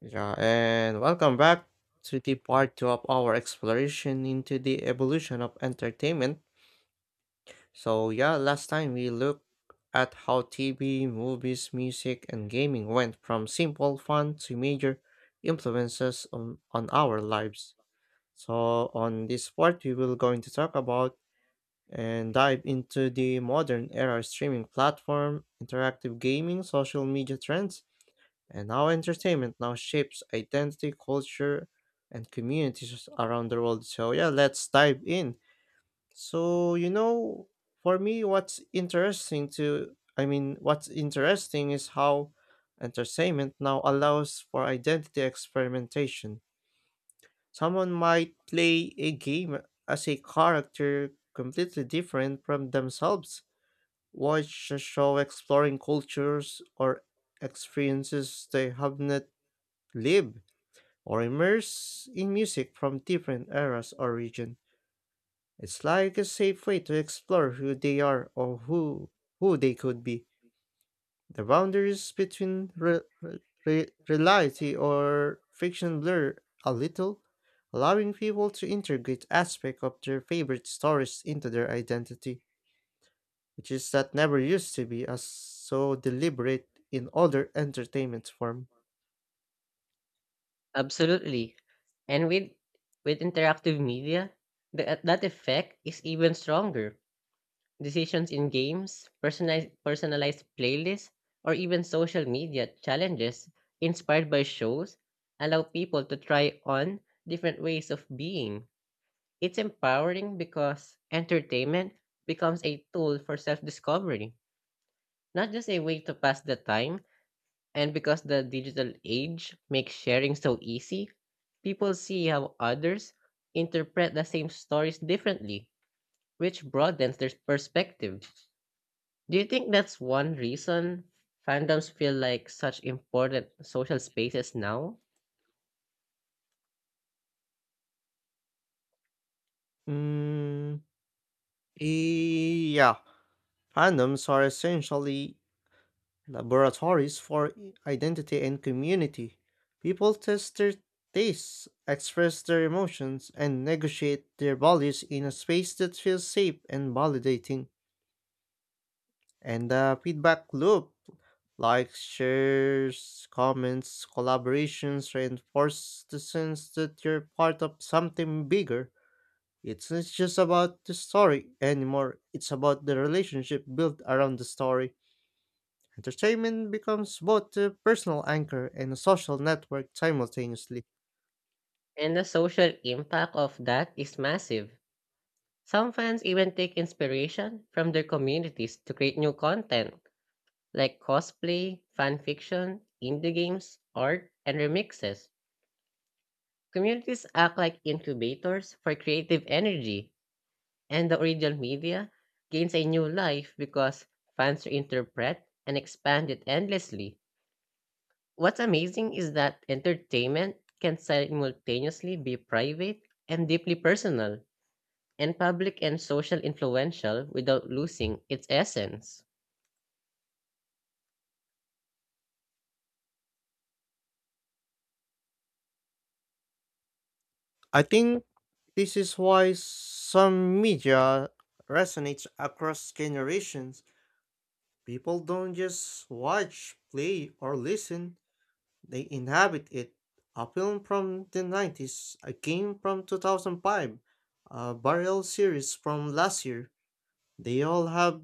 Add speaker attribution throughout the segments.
Speaker 1: Yeah, and welcome back to the part two of our exploration into the evolution of entertainment. Last time we looked at how TV, movies, music, and gaming went from simple fun to major influences on our lives. So, on this part, we will going to talk about and dive into the modern era streaming platform, interactive gaming, social media trends, and how entertainment now shapes identity, culture, and communities around the world. So, yeah, let's dive in. So, you know, for me, what's interesting to, I mean, what's interesting is how entertainment now allows for identity experimentation. Someone might play a game as a character completely different from themselves, watch a show exploring cultures or experiences they have not lived or immerse in music from different eras or region. It's like a safe way to explore who they are or who they could be. The boundaries between reality or fiction blur a little, allowing people to integrate aspects of their favorite stories into their identity, which is that never used to be as so deliberate in other entertainment form.
Speaker 2: Absolutely. And with interactive media, that effect is even stronger. Decisions in games, personalized playlists, or even social media challenges inspired by shows allow people to try on different ways of being. It's empowering because entertainment becomes a tool for self-discovery, not just a way to pass the time. And because the digital age makes sharing so easy, people see how others interpret the same stories differently, which broadens their perspective. Do you think that's one reason fandoms feel like such important social spaces now?
Speaker 1: Mm, yeah, fandoms are essentially laboratories for identity and community. People test their tastes, express their emotions, and negotiate their values in a space that feels safe and validating. And the feedback loop, like shares, comments, collaborations, reinforce the sense that you're part of something bigger. It's not just about the story anymore, it's about the relationship built around the story. Entertainment becomes both a personal anchor and a social network simultaneously.
Speaker 2: And the social impact of that is massive. Some fans even take inspiration from their communities to create new content, like cosplay, fan fiction, indie games, art, and remixes. Communities act like incubators for creative energy, and the original media gains a new life because fans reinterpret and expand it endlessly. What's amazing is that entertainment can simultaneously be private and deeply personal, and public and social influential without losing its essence.
Speaker 1: I think this is why some media resonates across generations. People don't just watch, play, or listen, they inhabit it. A film from the 90s, a game from 2005, a burial series from last year. They all have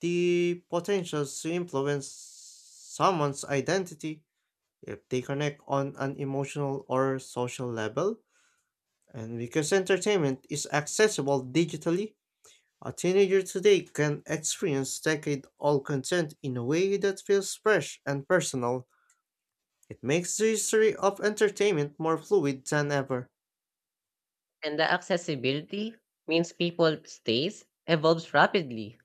Speaker 1: the potential to influence someone's identity if they connect on an emotional or social level. And because entertainment is accessible digitally, a teenager today can experience decade old content in a way that feels fresh and personal. It makes the history of entertainment more fluid than ever.
Speaker 2: And the accessibility means people stays evolves rapidly.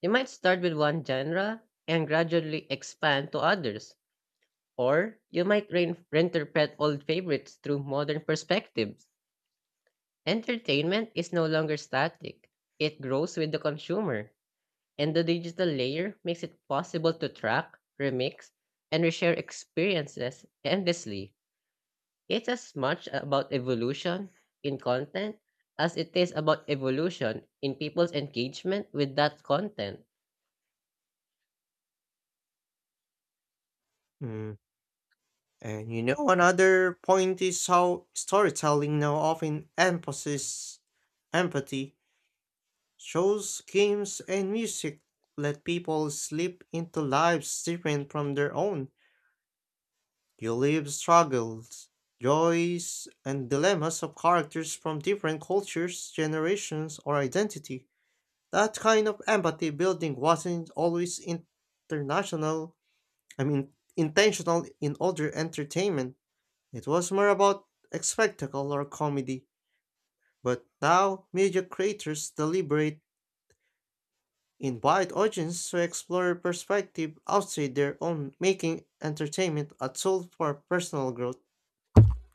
Speaker 2: They might start with one genre and gradually expand to others. Or you might reinterpret old favorites through modern perspectives. Entertainment is no longer static, it grows with the consumer, and the digital layer makes it possible to track, remix, and reshare experiences endlessly. It's as much about evolution in content as it is about evolution in people's engagement with that content.
Speaker 1: Mm. Another point is how storytelling now often emphasizes empathy. Shows, games, and music let people slip into lives different from their own. You live struggles, joys, and dilemmas of characters from different cultures, generations, or identity. That kind of empathy building wasn't always international, I mean, intentional in older entertainment. It was more about a spectacle or comedy. But now, media creators deliberate invite audiences to explore perspective outside their own, making entertainment a tool for personal growth.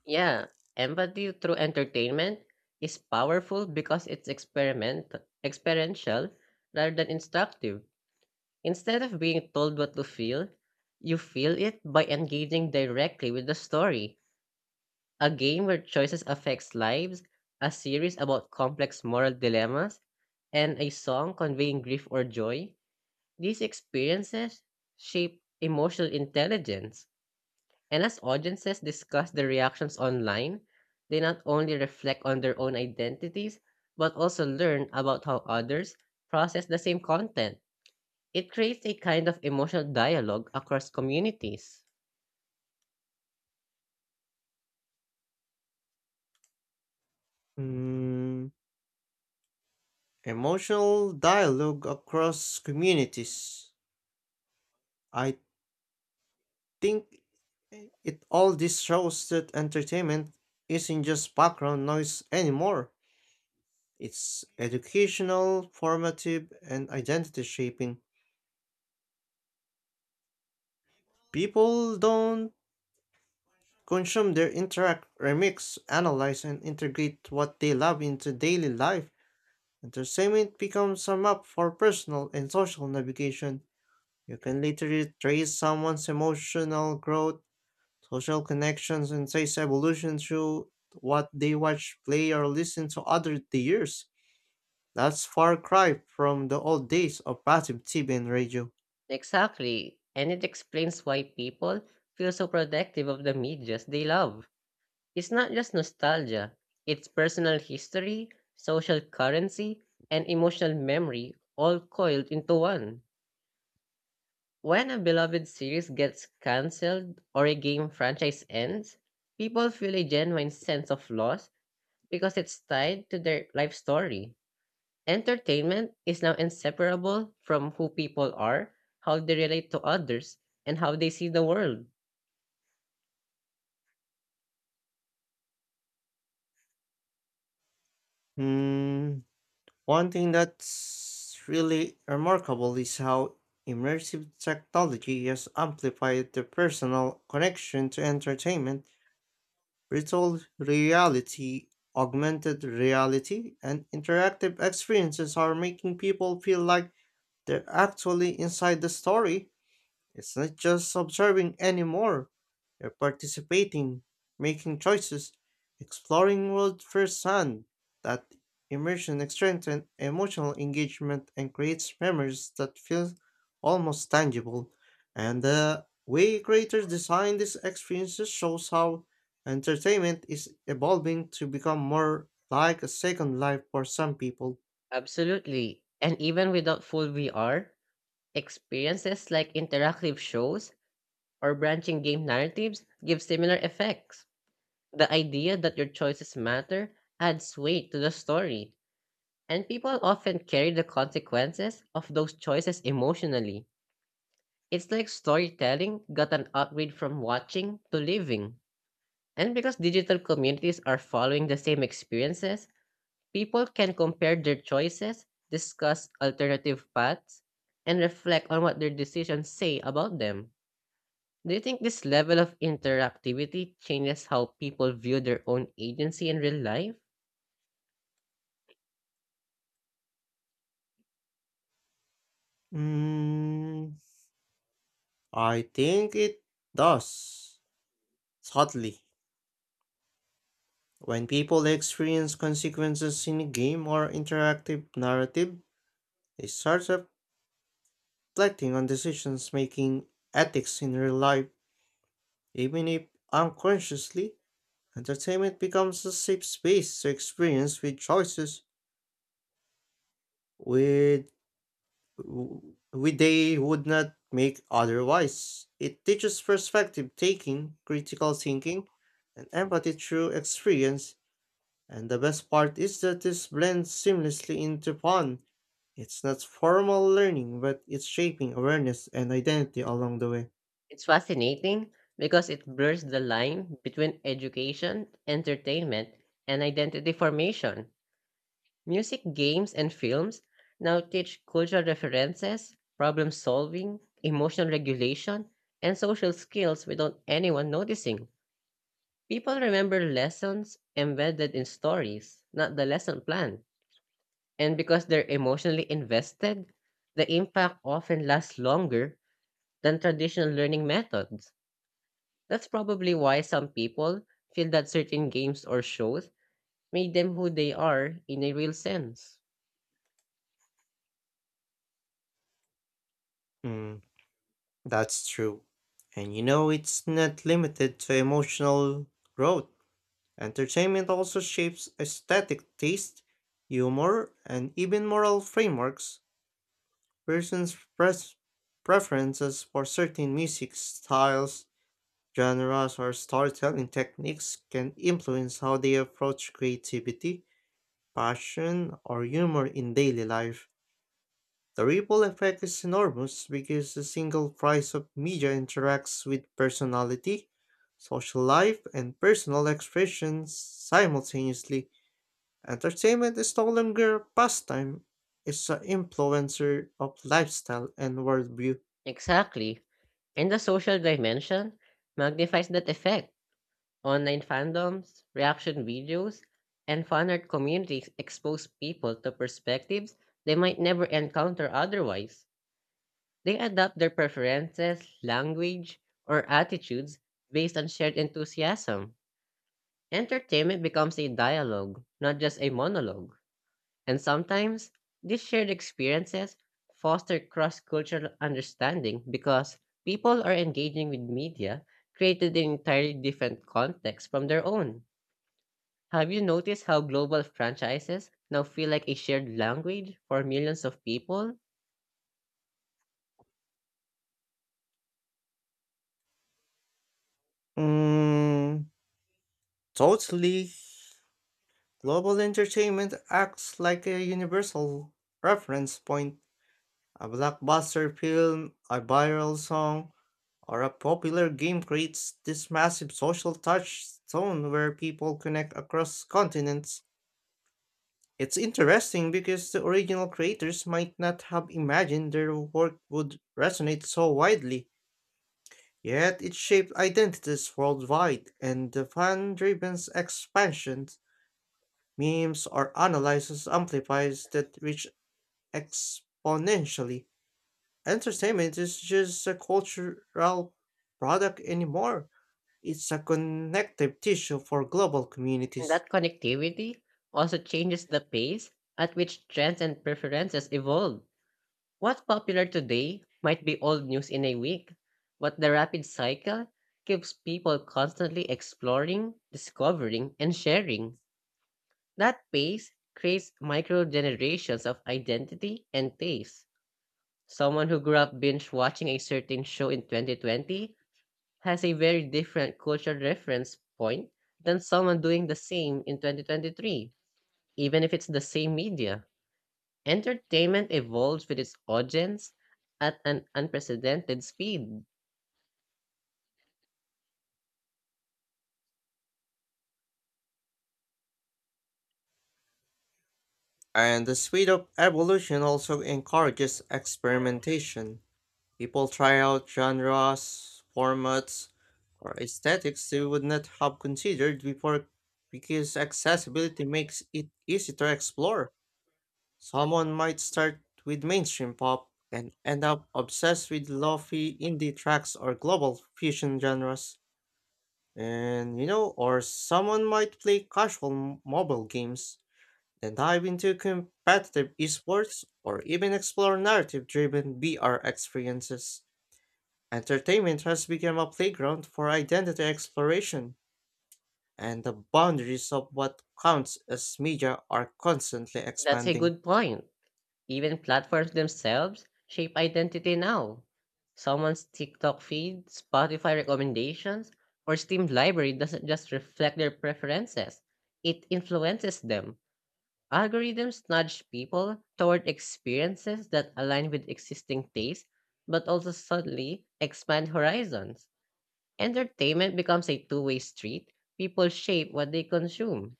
Speaker 2: Yeah, empathy through entertainment is powerful because it's experiment experiential rather than instructive. Instead of being told what to feel, you feel it by engaging directly with the story. A game where choices affects lives, a series about complex moral dilemmas, and a song conveying grief or joy, these experiences shape emotional intelligence. And as audiences discuss their reactions online, they not only reflect on their own identities, but also learn about how others process the same content. It creates a kind of emotional dialogue across communities.
Speaker 1: Mm, emotional dialogue across communities. I think it all this shows that entertainment isn't just background noise anymore. It's educational, formative, and identity shaping. People don't consume their interact, remix, analyze, and integrate what they love into daily life. Entertainment becomes a map for personal and social navigation. You can literally trace someone's emotional growth, social connections, and taste evolution through what they watch, play, or listen to other the years. That's far cry from the old days of passive TV and radio.
Speaker 2: Exactly, and it explains why people feel so protective of the medias they love. It's not just nostalgia, it's personal history, social currency, and emotional memory all coiled into one. When a beloved series gets cancelled or a game franchise ends, people feel a genuine sense of loss because it's tied to their life story. Entertainment is now inseparable from who people are, how they relate to others, and how they see the world.
Speaker 1: Hmm. One thing that's really remarkable is how immersive technology has amplified the personal connection to entertainment, virtual reality, augmented reality, and interactive experiences are making people feel like they're actually inside the story. It's not just observing anymore. You're participating, making choices, exploring world firsthand. That immersion strengthens emotional engagement and creates memories that feel almost tangible. And the way creators design these experiences shows how entertainment is evolving to become more like a second life for some people.
Speaker 2: Absolutely. And even without full VR, experiences like interactive shows or branching game narratives give similar effects. The idea that your choices matter adds weight to the story. And people often carry the consequences of those choices emotionally. It's like storytelling got an upgrade from watching to living. And because digital communities are following the same experiences, people can compare their choices, discuss alternative paths, and reflect on what their decisions say about them. Do you think this level of interactivity changes how people view their own agency in real life?
Speaker 1: Mm, I think it does. Subtly. When people experience consequences in a game or interactive narrative, they start reflecting on decisions making ethics in real life. Even if unconsciously, entertainment becomes a safe space to experience with choices with with they would not make otherwise. It teaches perspective taking, critical thinking, and empathy through experience. And the best part is that this blends seamlessly into fun. It's not formal learning, but it's shaping awareness and identity along the way.
Speaker 2: It's fascinating because it blurs the line between education, entertainment, and identity formation. Music, games, and films now teach cultural references, problem solving, emotional regulation, and social skills without anyone noticing. People remember lessons embedded in stories, not the lesson plan. And because they're emotionally invested, the impact often lasts longer than traditional learning methods. That's probably why some people feel that certain games or shows made them who they are in a real sense.
Speaker 1: Mm, That's true. It's not limited to emotional growth. Entertainment also shapes aesthetic taste, humor, and even moral frameworks. Persons' pres- preferences for certain music styles, genres, or storytelling techniques can influence how they approach creativity, passion, or humor in daily life. The ripple effect is enormous because a single price of media interacts with personality, social life, and personal expressions simultaneously. Entertainment is no longer a pastime, it's an influencer of lifestyle and worldview.
Speaker 2: Exactly. And the social dimension magnifies that effect. Online fandoms, reaction videos, and fan art communities expose people to perspectives they might never encounter otherwise. They adapt their preferences, language, or attitudes based on shared enthusiasm. Entertainment becomes a dialogue, not just a monologue. And sometimes these shared experiences foster cross cultural understanding because people are engaging with media created in entirely different contexts from their own. Have you noticed how global franchises now feel like a shared language for millions of people?
Speaker 1: Mm, totally. Global entertainment acts like a universal reference point. A blockbuster film, a viral song, or a popular game creates this massive social touchstone where people connect across continents. It's interesting because the original creators might not have imagined their work would resonate so widely, yet it shaped identities worldwide, and the fan driven's expansions, memes, or analysis amplifies that reach exponentially. Entertainment is just a cultural product anymore. It's a connective tissue for global
Speaker 2: And
Speaker 1: communities.
Speaker 2: that connectivity also changes the pace at which trends and preferences evolve. What's popular today might be old news in a week, but the rapid cycle keeps people constantly exploring, discovering, and sharing. That pace creates micro generations of identity and taste. Someone who grew up binge watching a certain show in 2020 has a very different cultural reference point than someone doing the same in 2023, even if it's the same media. Entertainment evolves with its audience at an unprecedented speed.
Speaker 1: And the speed of evolution also encourages experimentation. People try out genres, formats, or aesthetics they would not have considered before because accessibility makes it easy to explore. Someone might start with mainstream pop and end up obsessed with lofi indie tracks or global fusion genres. Or someone might play casual mobile games, then dive into competitive esports, or even explore narrative driven VR experiences. Entertainment has become a playground for identity exploration, and the boundaries of what counts as media are constantly
Speaker 2: That's a
Speaker 1: expanding.
Speaker 2: good point. Even platforms themselves shape identity now. Someone's TikTok feed, Spotify recommendations, or Steam library doesn't just reflect their preferences, it influences them. Algorithms nudge people toward experiences that align with existing tastes, but also subtly expand horizons. Entertainment becomes a two-way street. People shape what they consume,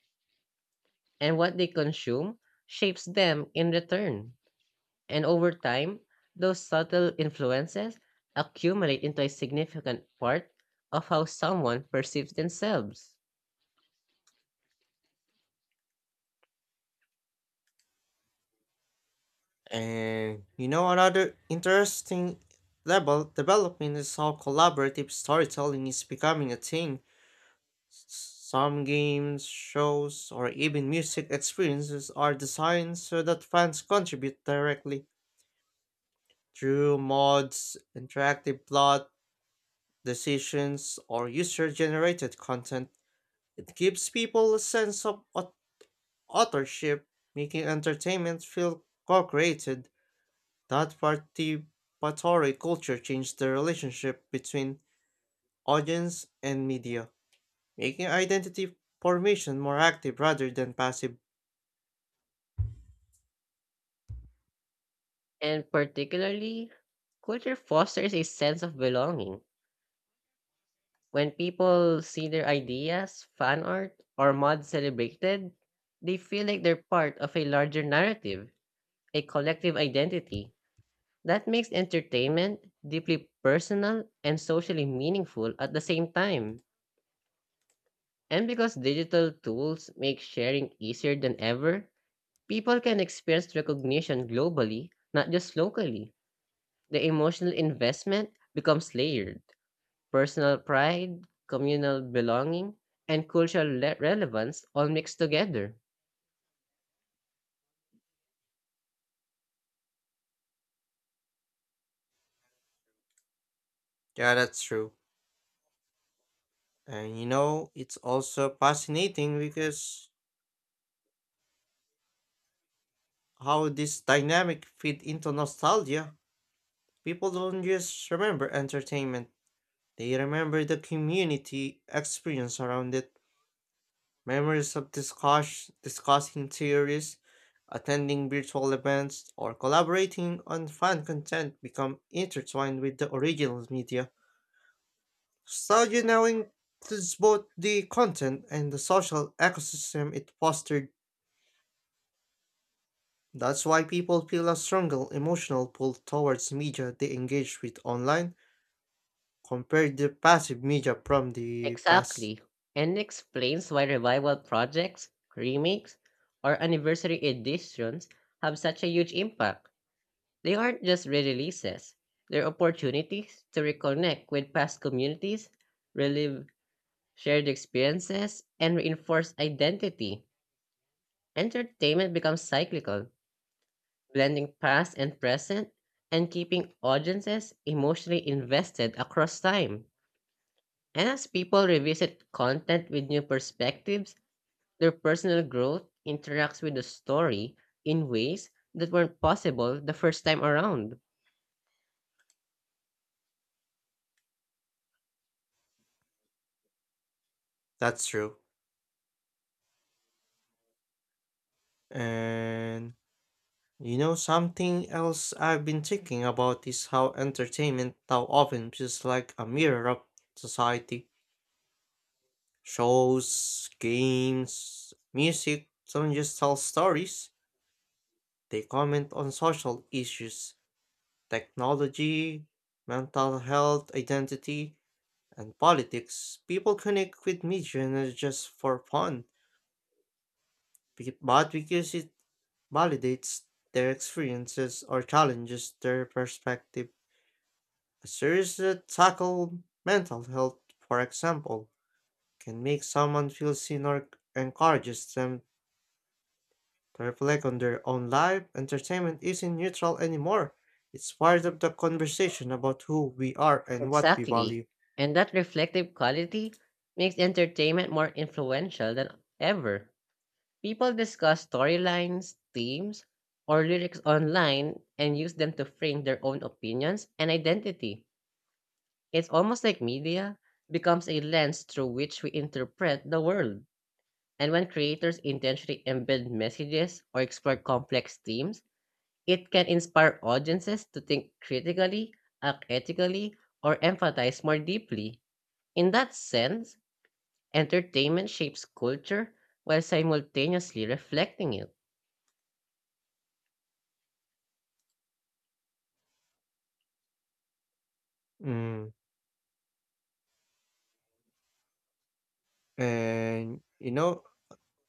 Speaker 2: and what they consume shapes them in return. And over time, those subtle influences accumulate into a significant part of how someone perceives themselves.
Speaker 1: Another interesting level development is how collaborative storytelling is becoming a thing. Some games, shows, or even music experiences are designed so that fans contribute directly through mods, interactive plot, decisions, or user generated content. It gives people a sense of authorship, making entertainment feel co created. That participatory culture changed the relationship between audience and media, making identity formation more active rather than passive.
Speaker 2: And particularly, culture fosters a sense of belonging. When people see their ideas, fan art, or mods celebrated, they feel like they're part of a larger narrative, a collective identity. That makes entertainment deeply personal and socially meaningful at the same time. And because digital tools make sharing easier than ever, people can experience recognition globally, not just locally. The emotional investment becomes layered. Personal pride, communal belonging, and cultural relevance all mixed together.
Speaker 1: Yeah, that's true. It's also fascinating because how this dynamic fit into nostalgia. People don't just remember entertainment, they remember the community experience around it. Memories of discussing theories, attending virtual events, or collaborating on fan content become intertwined with the original media. Nostalgia now includes both the content and the social ecosystem it fostered. That's why people feel a stronger emotional pull towards media they engage with online compared to passive media from the past.
Speaker 2: Exactly, and it explains why revival projects, remakes, or anniversary editions have such a huge impact. They aren't just re-releases; they're opportunities to reconnect with past communities, relive shared experiences, and reinforce identity. Entertainment becomes cyclical, blending past and present and keeping audiences emotionally invested across time. And as people revisit content with new perspectives, their personal growth interacts with the story in ways that weren't possible the first time around.
Speaker 1: That's true. And something else I've been thinking about is how entertainment now often feels like a mirror of society. Shows, games, music don't just tell stories, they comment on social issues, technology, mental health, identity and politics, people connect with media not just for fun, but because it validates their experiences or challenges their perspective. A series that tackle mental health, for example, can make someone feel seen or encourages them to reflect on their own life. Entertainment isn't neutral anymore. It's part of the conversation about who we are and what we
Speaker 2: Exactly.
Speaker 1: value.
Speaker 2: And that reflective quality makes entertainment more influential than ever. People discuss storylines, themes, or lyrics online and use them to frame their own opinions and identity. It's almost like media becomes a lens through which we interpret the world. And when creators intentionally embed messages or explore complex themes, it can inspire audiences to think critically, act ethically, or empathize more deeply. In that sense, entertainment shapes culture while simultaneously reflecting it.
Speaker 1: Mm. And you know,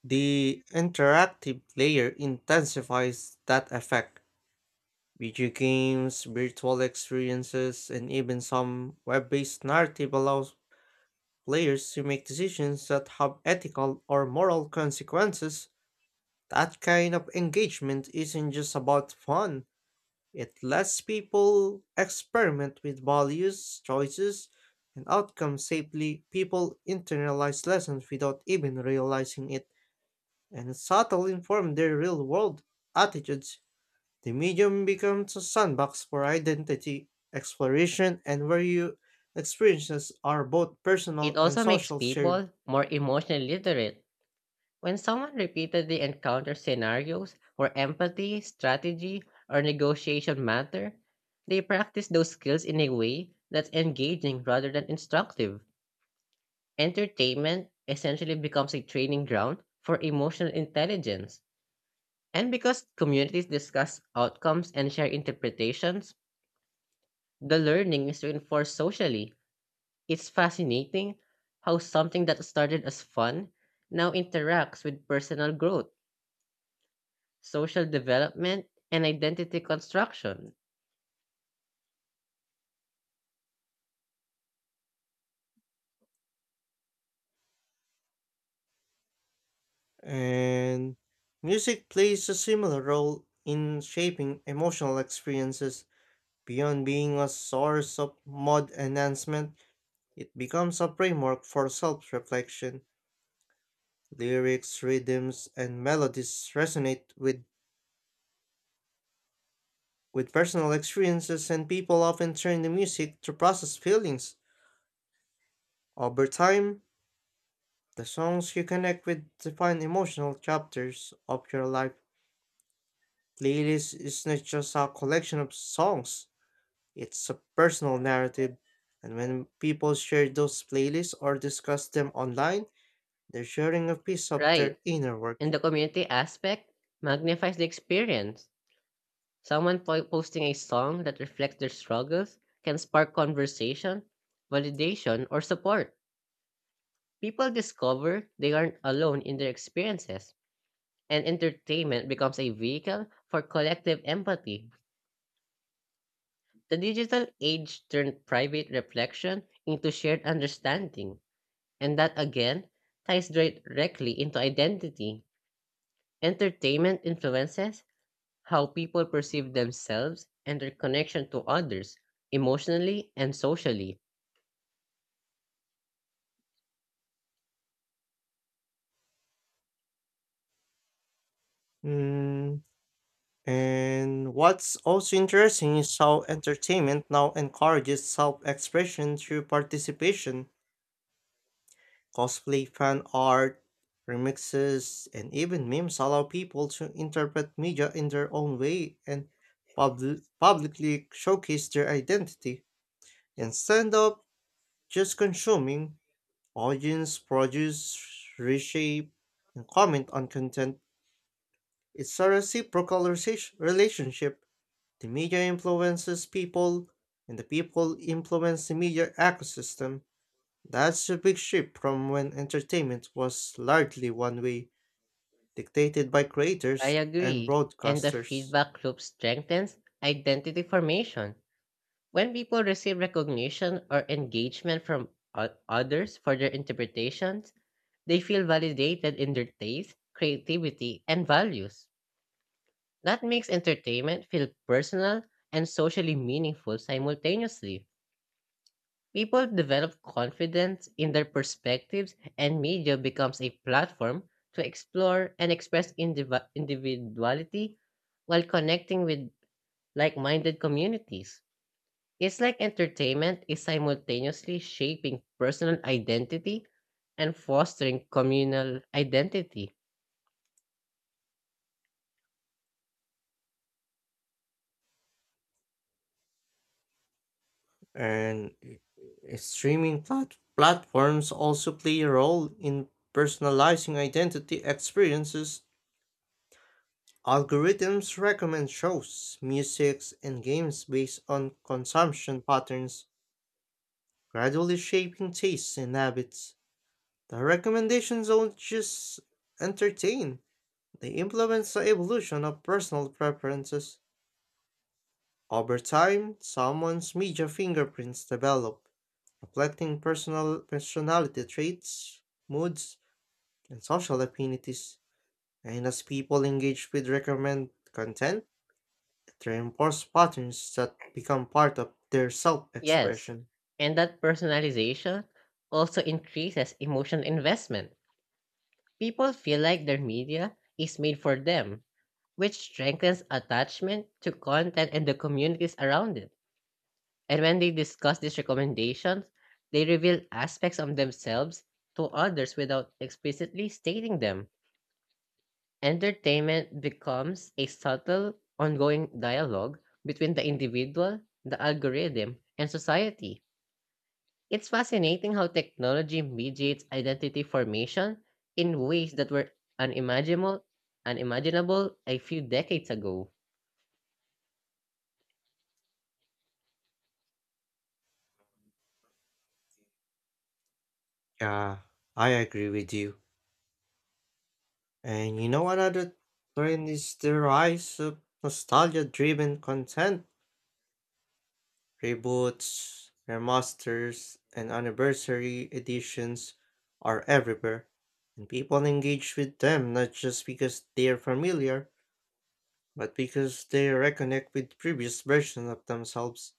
Speaker 1: the interactive layer intensifies that effect. Video games, virtual experiences, and even some web based narrative allows players to make decisions that have ethical or moral consequences. That kind of engagement isn't just about fun, it lets people experiment with values, choices, and outcomes safely. People internalize lessons without even realizing it, and subtly inform their real world attitudes, the medium becomes a sandbox for identity exploration and where you experiences are both
Speaker 2: It
Speaker 1: personal and
Speaker 2: also makes
Speaker 1: social shared.
Speaker 2: people more emotionally literate. When someone repeatedly encounters scenarios where empathy, strategy, or negotiation matter, they practice those skills in a way that's engaging rather than instructive. Entertainment essentially becomes a training ground for emotional intelligence. And because communities discuss outcomes and share interpretations, the learning is reinforced socially. It's fascinating how something that started as fun now interacts with personal growth, social development, and identity construction.
Speaker 1: And music plays a similar role in shaping emotional experiences. Beyond being a source of mod enhancement, it becomes a framework for self reflection. Lyrics, rhythms, and melodies resonate with personal experiences and people often turn to music to process feelings. Over time, the songs you connect with define emotional chapters of your life. Playlist is not just a collection of songs, it's a personal narrative. And when people share those playlists or discuss them online, they're sharing a piece of their
Speaker 2: Right.
Speaker 1: inner work.
Speaker 2: And the community aspect magnifies the experience. Someone posting a song that reflects their struggles can spark conversation, validation, or support. People discover they aren't alone in their experiences, and entertainment becomes a vehicle for collective empathy. The digital age turned private reflection into shared understanding, and that again ties directly into identity. Entertainment influences how people perceive themselves and their connection to others, emotionally and socially.
Speaker 1: Mm, and what's also interesting is how entertainment now encourages self expression through participation. Cosplay fan art, remixes, and even memes allow people to interpret media in their own way and publicly showcase their identity. Instead of just consuming, audience produce, reshape, and comment on content. It's a reciprocal relationship. The media influences people, and the people influence the media ecosystem. That's a big shift from when entertainment was largely one way, dictated by
Speaker 2: I
Speaker 1: creators and
Speaker 2: agree, and the
Speaker 1: broadcasters.
Speaker 2: feedback loop strengthens identity formation. When people receive recognition or engagement from others for their interpretations, they feel validated in their taste, creativity, and values. That makes entertainment feel personal and socially meaningful simultaneously. People develop confidence in their perspectives, and media becomes a platform to explore and express individuality while connecting with like minded communities. It's like entertainment is simultaneously shaping personal identity and fostering communal identity.
Speaker 1: And streaming platforms also play a role in personalizing identity experiences. Algorithms recommend shows, musics, and games based on consumption patterns, gradually shaping tastes and habits. The recommendations don't just entertain, they influence the evolution of personal preferences. Over time, someone's media fingerprints develop, reflecting personal personality traits, moods, and social affinities. And as people engage with recommend content, it reinforces patterns that become part of their
Speaker 2: Yes,
Speaker 1: self-expression.
Speaker 2: and that personalization also increases emotional investment. People feel like their media is made for them, which strengthens attachment to content and the communities around it. And when they discuss these recommendations, they reveal aspects of themselves to others without explicitly stating them. Entertainment becomes a subtle, ongoing dialogue between the individual, the algorithm, and society. It's fascinating how technology mediates identity formation in ways that were unimaginable unimaginable a few decades ago.
Speaker 1: Yeah, I agree with you. And you know another trend is the rise of nostalgia-driven content. Reboots, remasters, and anniversary editions are everywhere, and people engage with them not just because they are familiar, but because they reconnect with previous versions of themselves.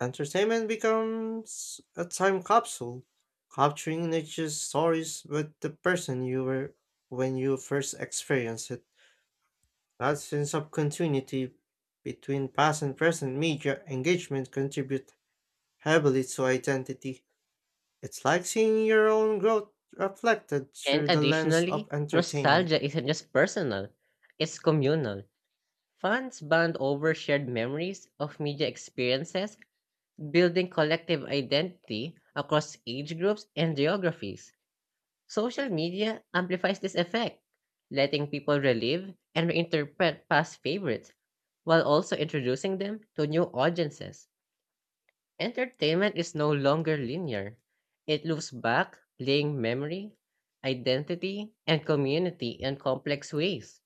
Speaker 1: Entertainment becomes a time capsule, capturing not just stories but the person you were when you first experienced it. That sense of continuity between past and present media engagement contribute heavily to identity. It's like seeing your own growth reflected
Speaker 2: And
Speaker 1: through the lens of
Speaker 2: additionally,
Speaker 1: entertainment.
Speaker 2: nostalgia isn't just personal, it's communal. Fans bond over shared memories of media experiences, building collective identity across age groups and geographies. Social media amplifies this effect, letting people relive and reinterpret past favorites while also introducing them to new audiences. Entertainment is no longer linear. It loops back, playing memory, identity, and community in complex ways.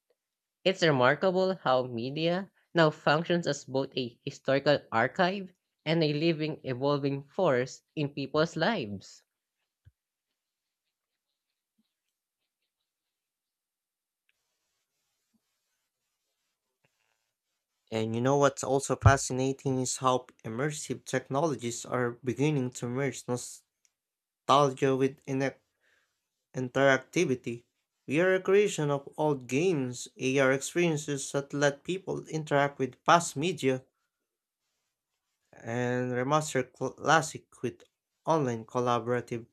Speaker 2: It's remarkable how media now functions as both a historical archive and a living, evolving force in people's lives.
Speaker 1: And you know what's also fascinating is how immersive technologies are beginning to merge nostalgia with interactivity. We are a creation of old games, AR experiences that let people interact with past media, and remaster classic with online collaborative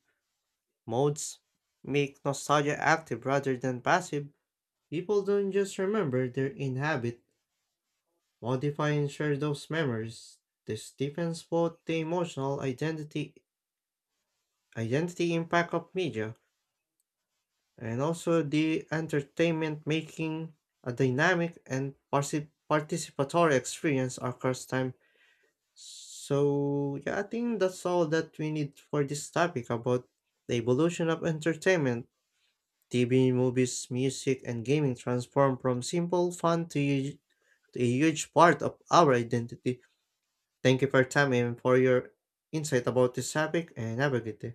Speaker 1: modes make nostalgia active rather than passive. People don't just remember their inhabit, modify and share those memories. This deepens both the emotional identity impact of media and also the entertainment making a dynamic and participatory experience across time. So yeah, I think that's all that we need for this topic about the evolution of entertainment. TV, movies, music, and gaming transform from simple fun to u- to a huge part of our identity. Thank you for your time and for your insight about this topic, and have a good day.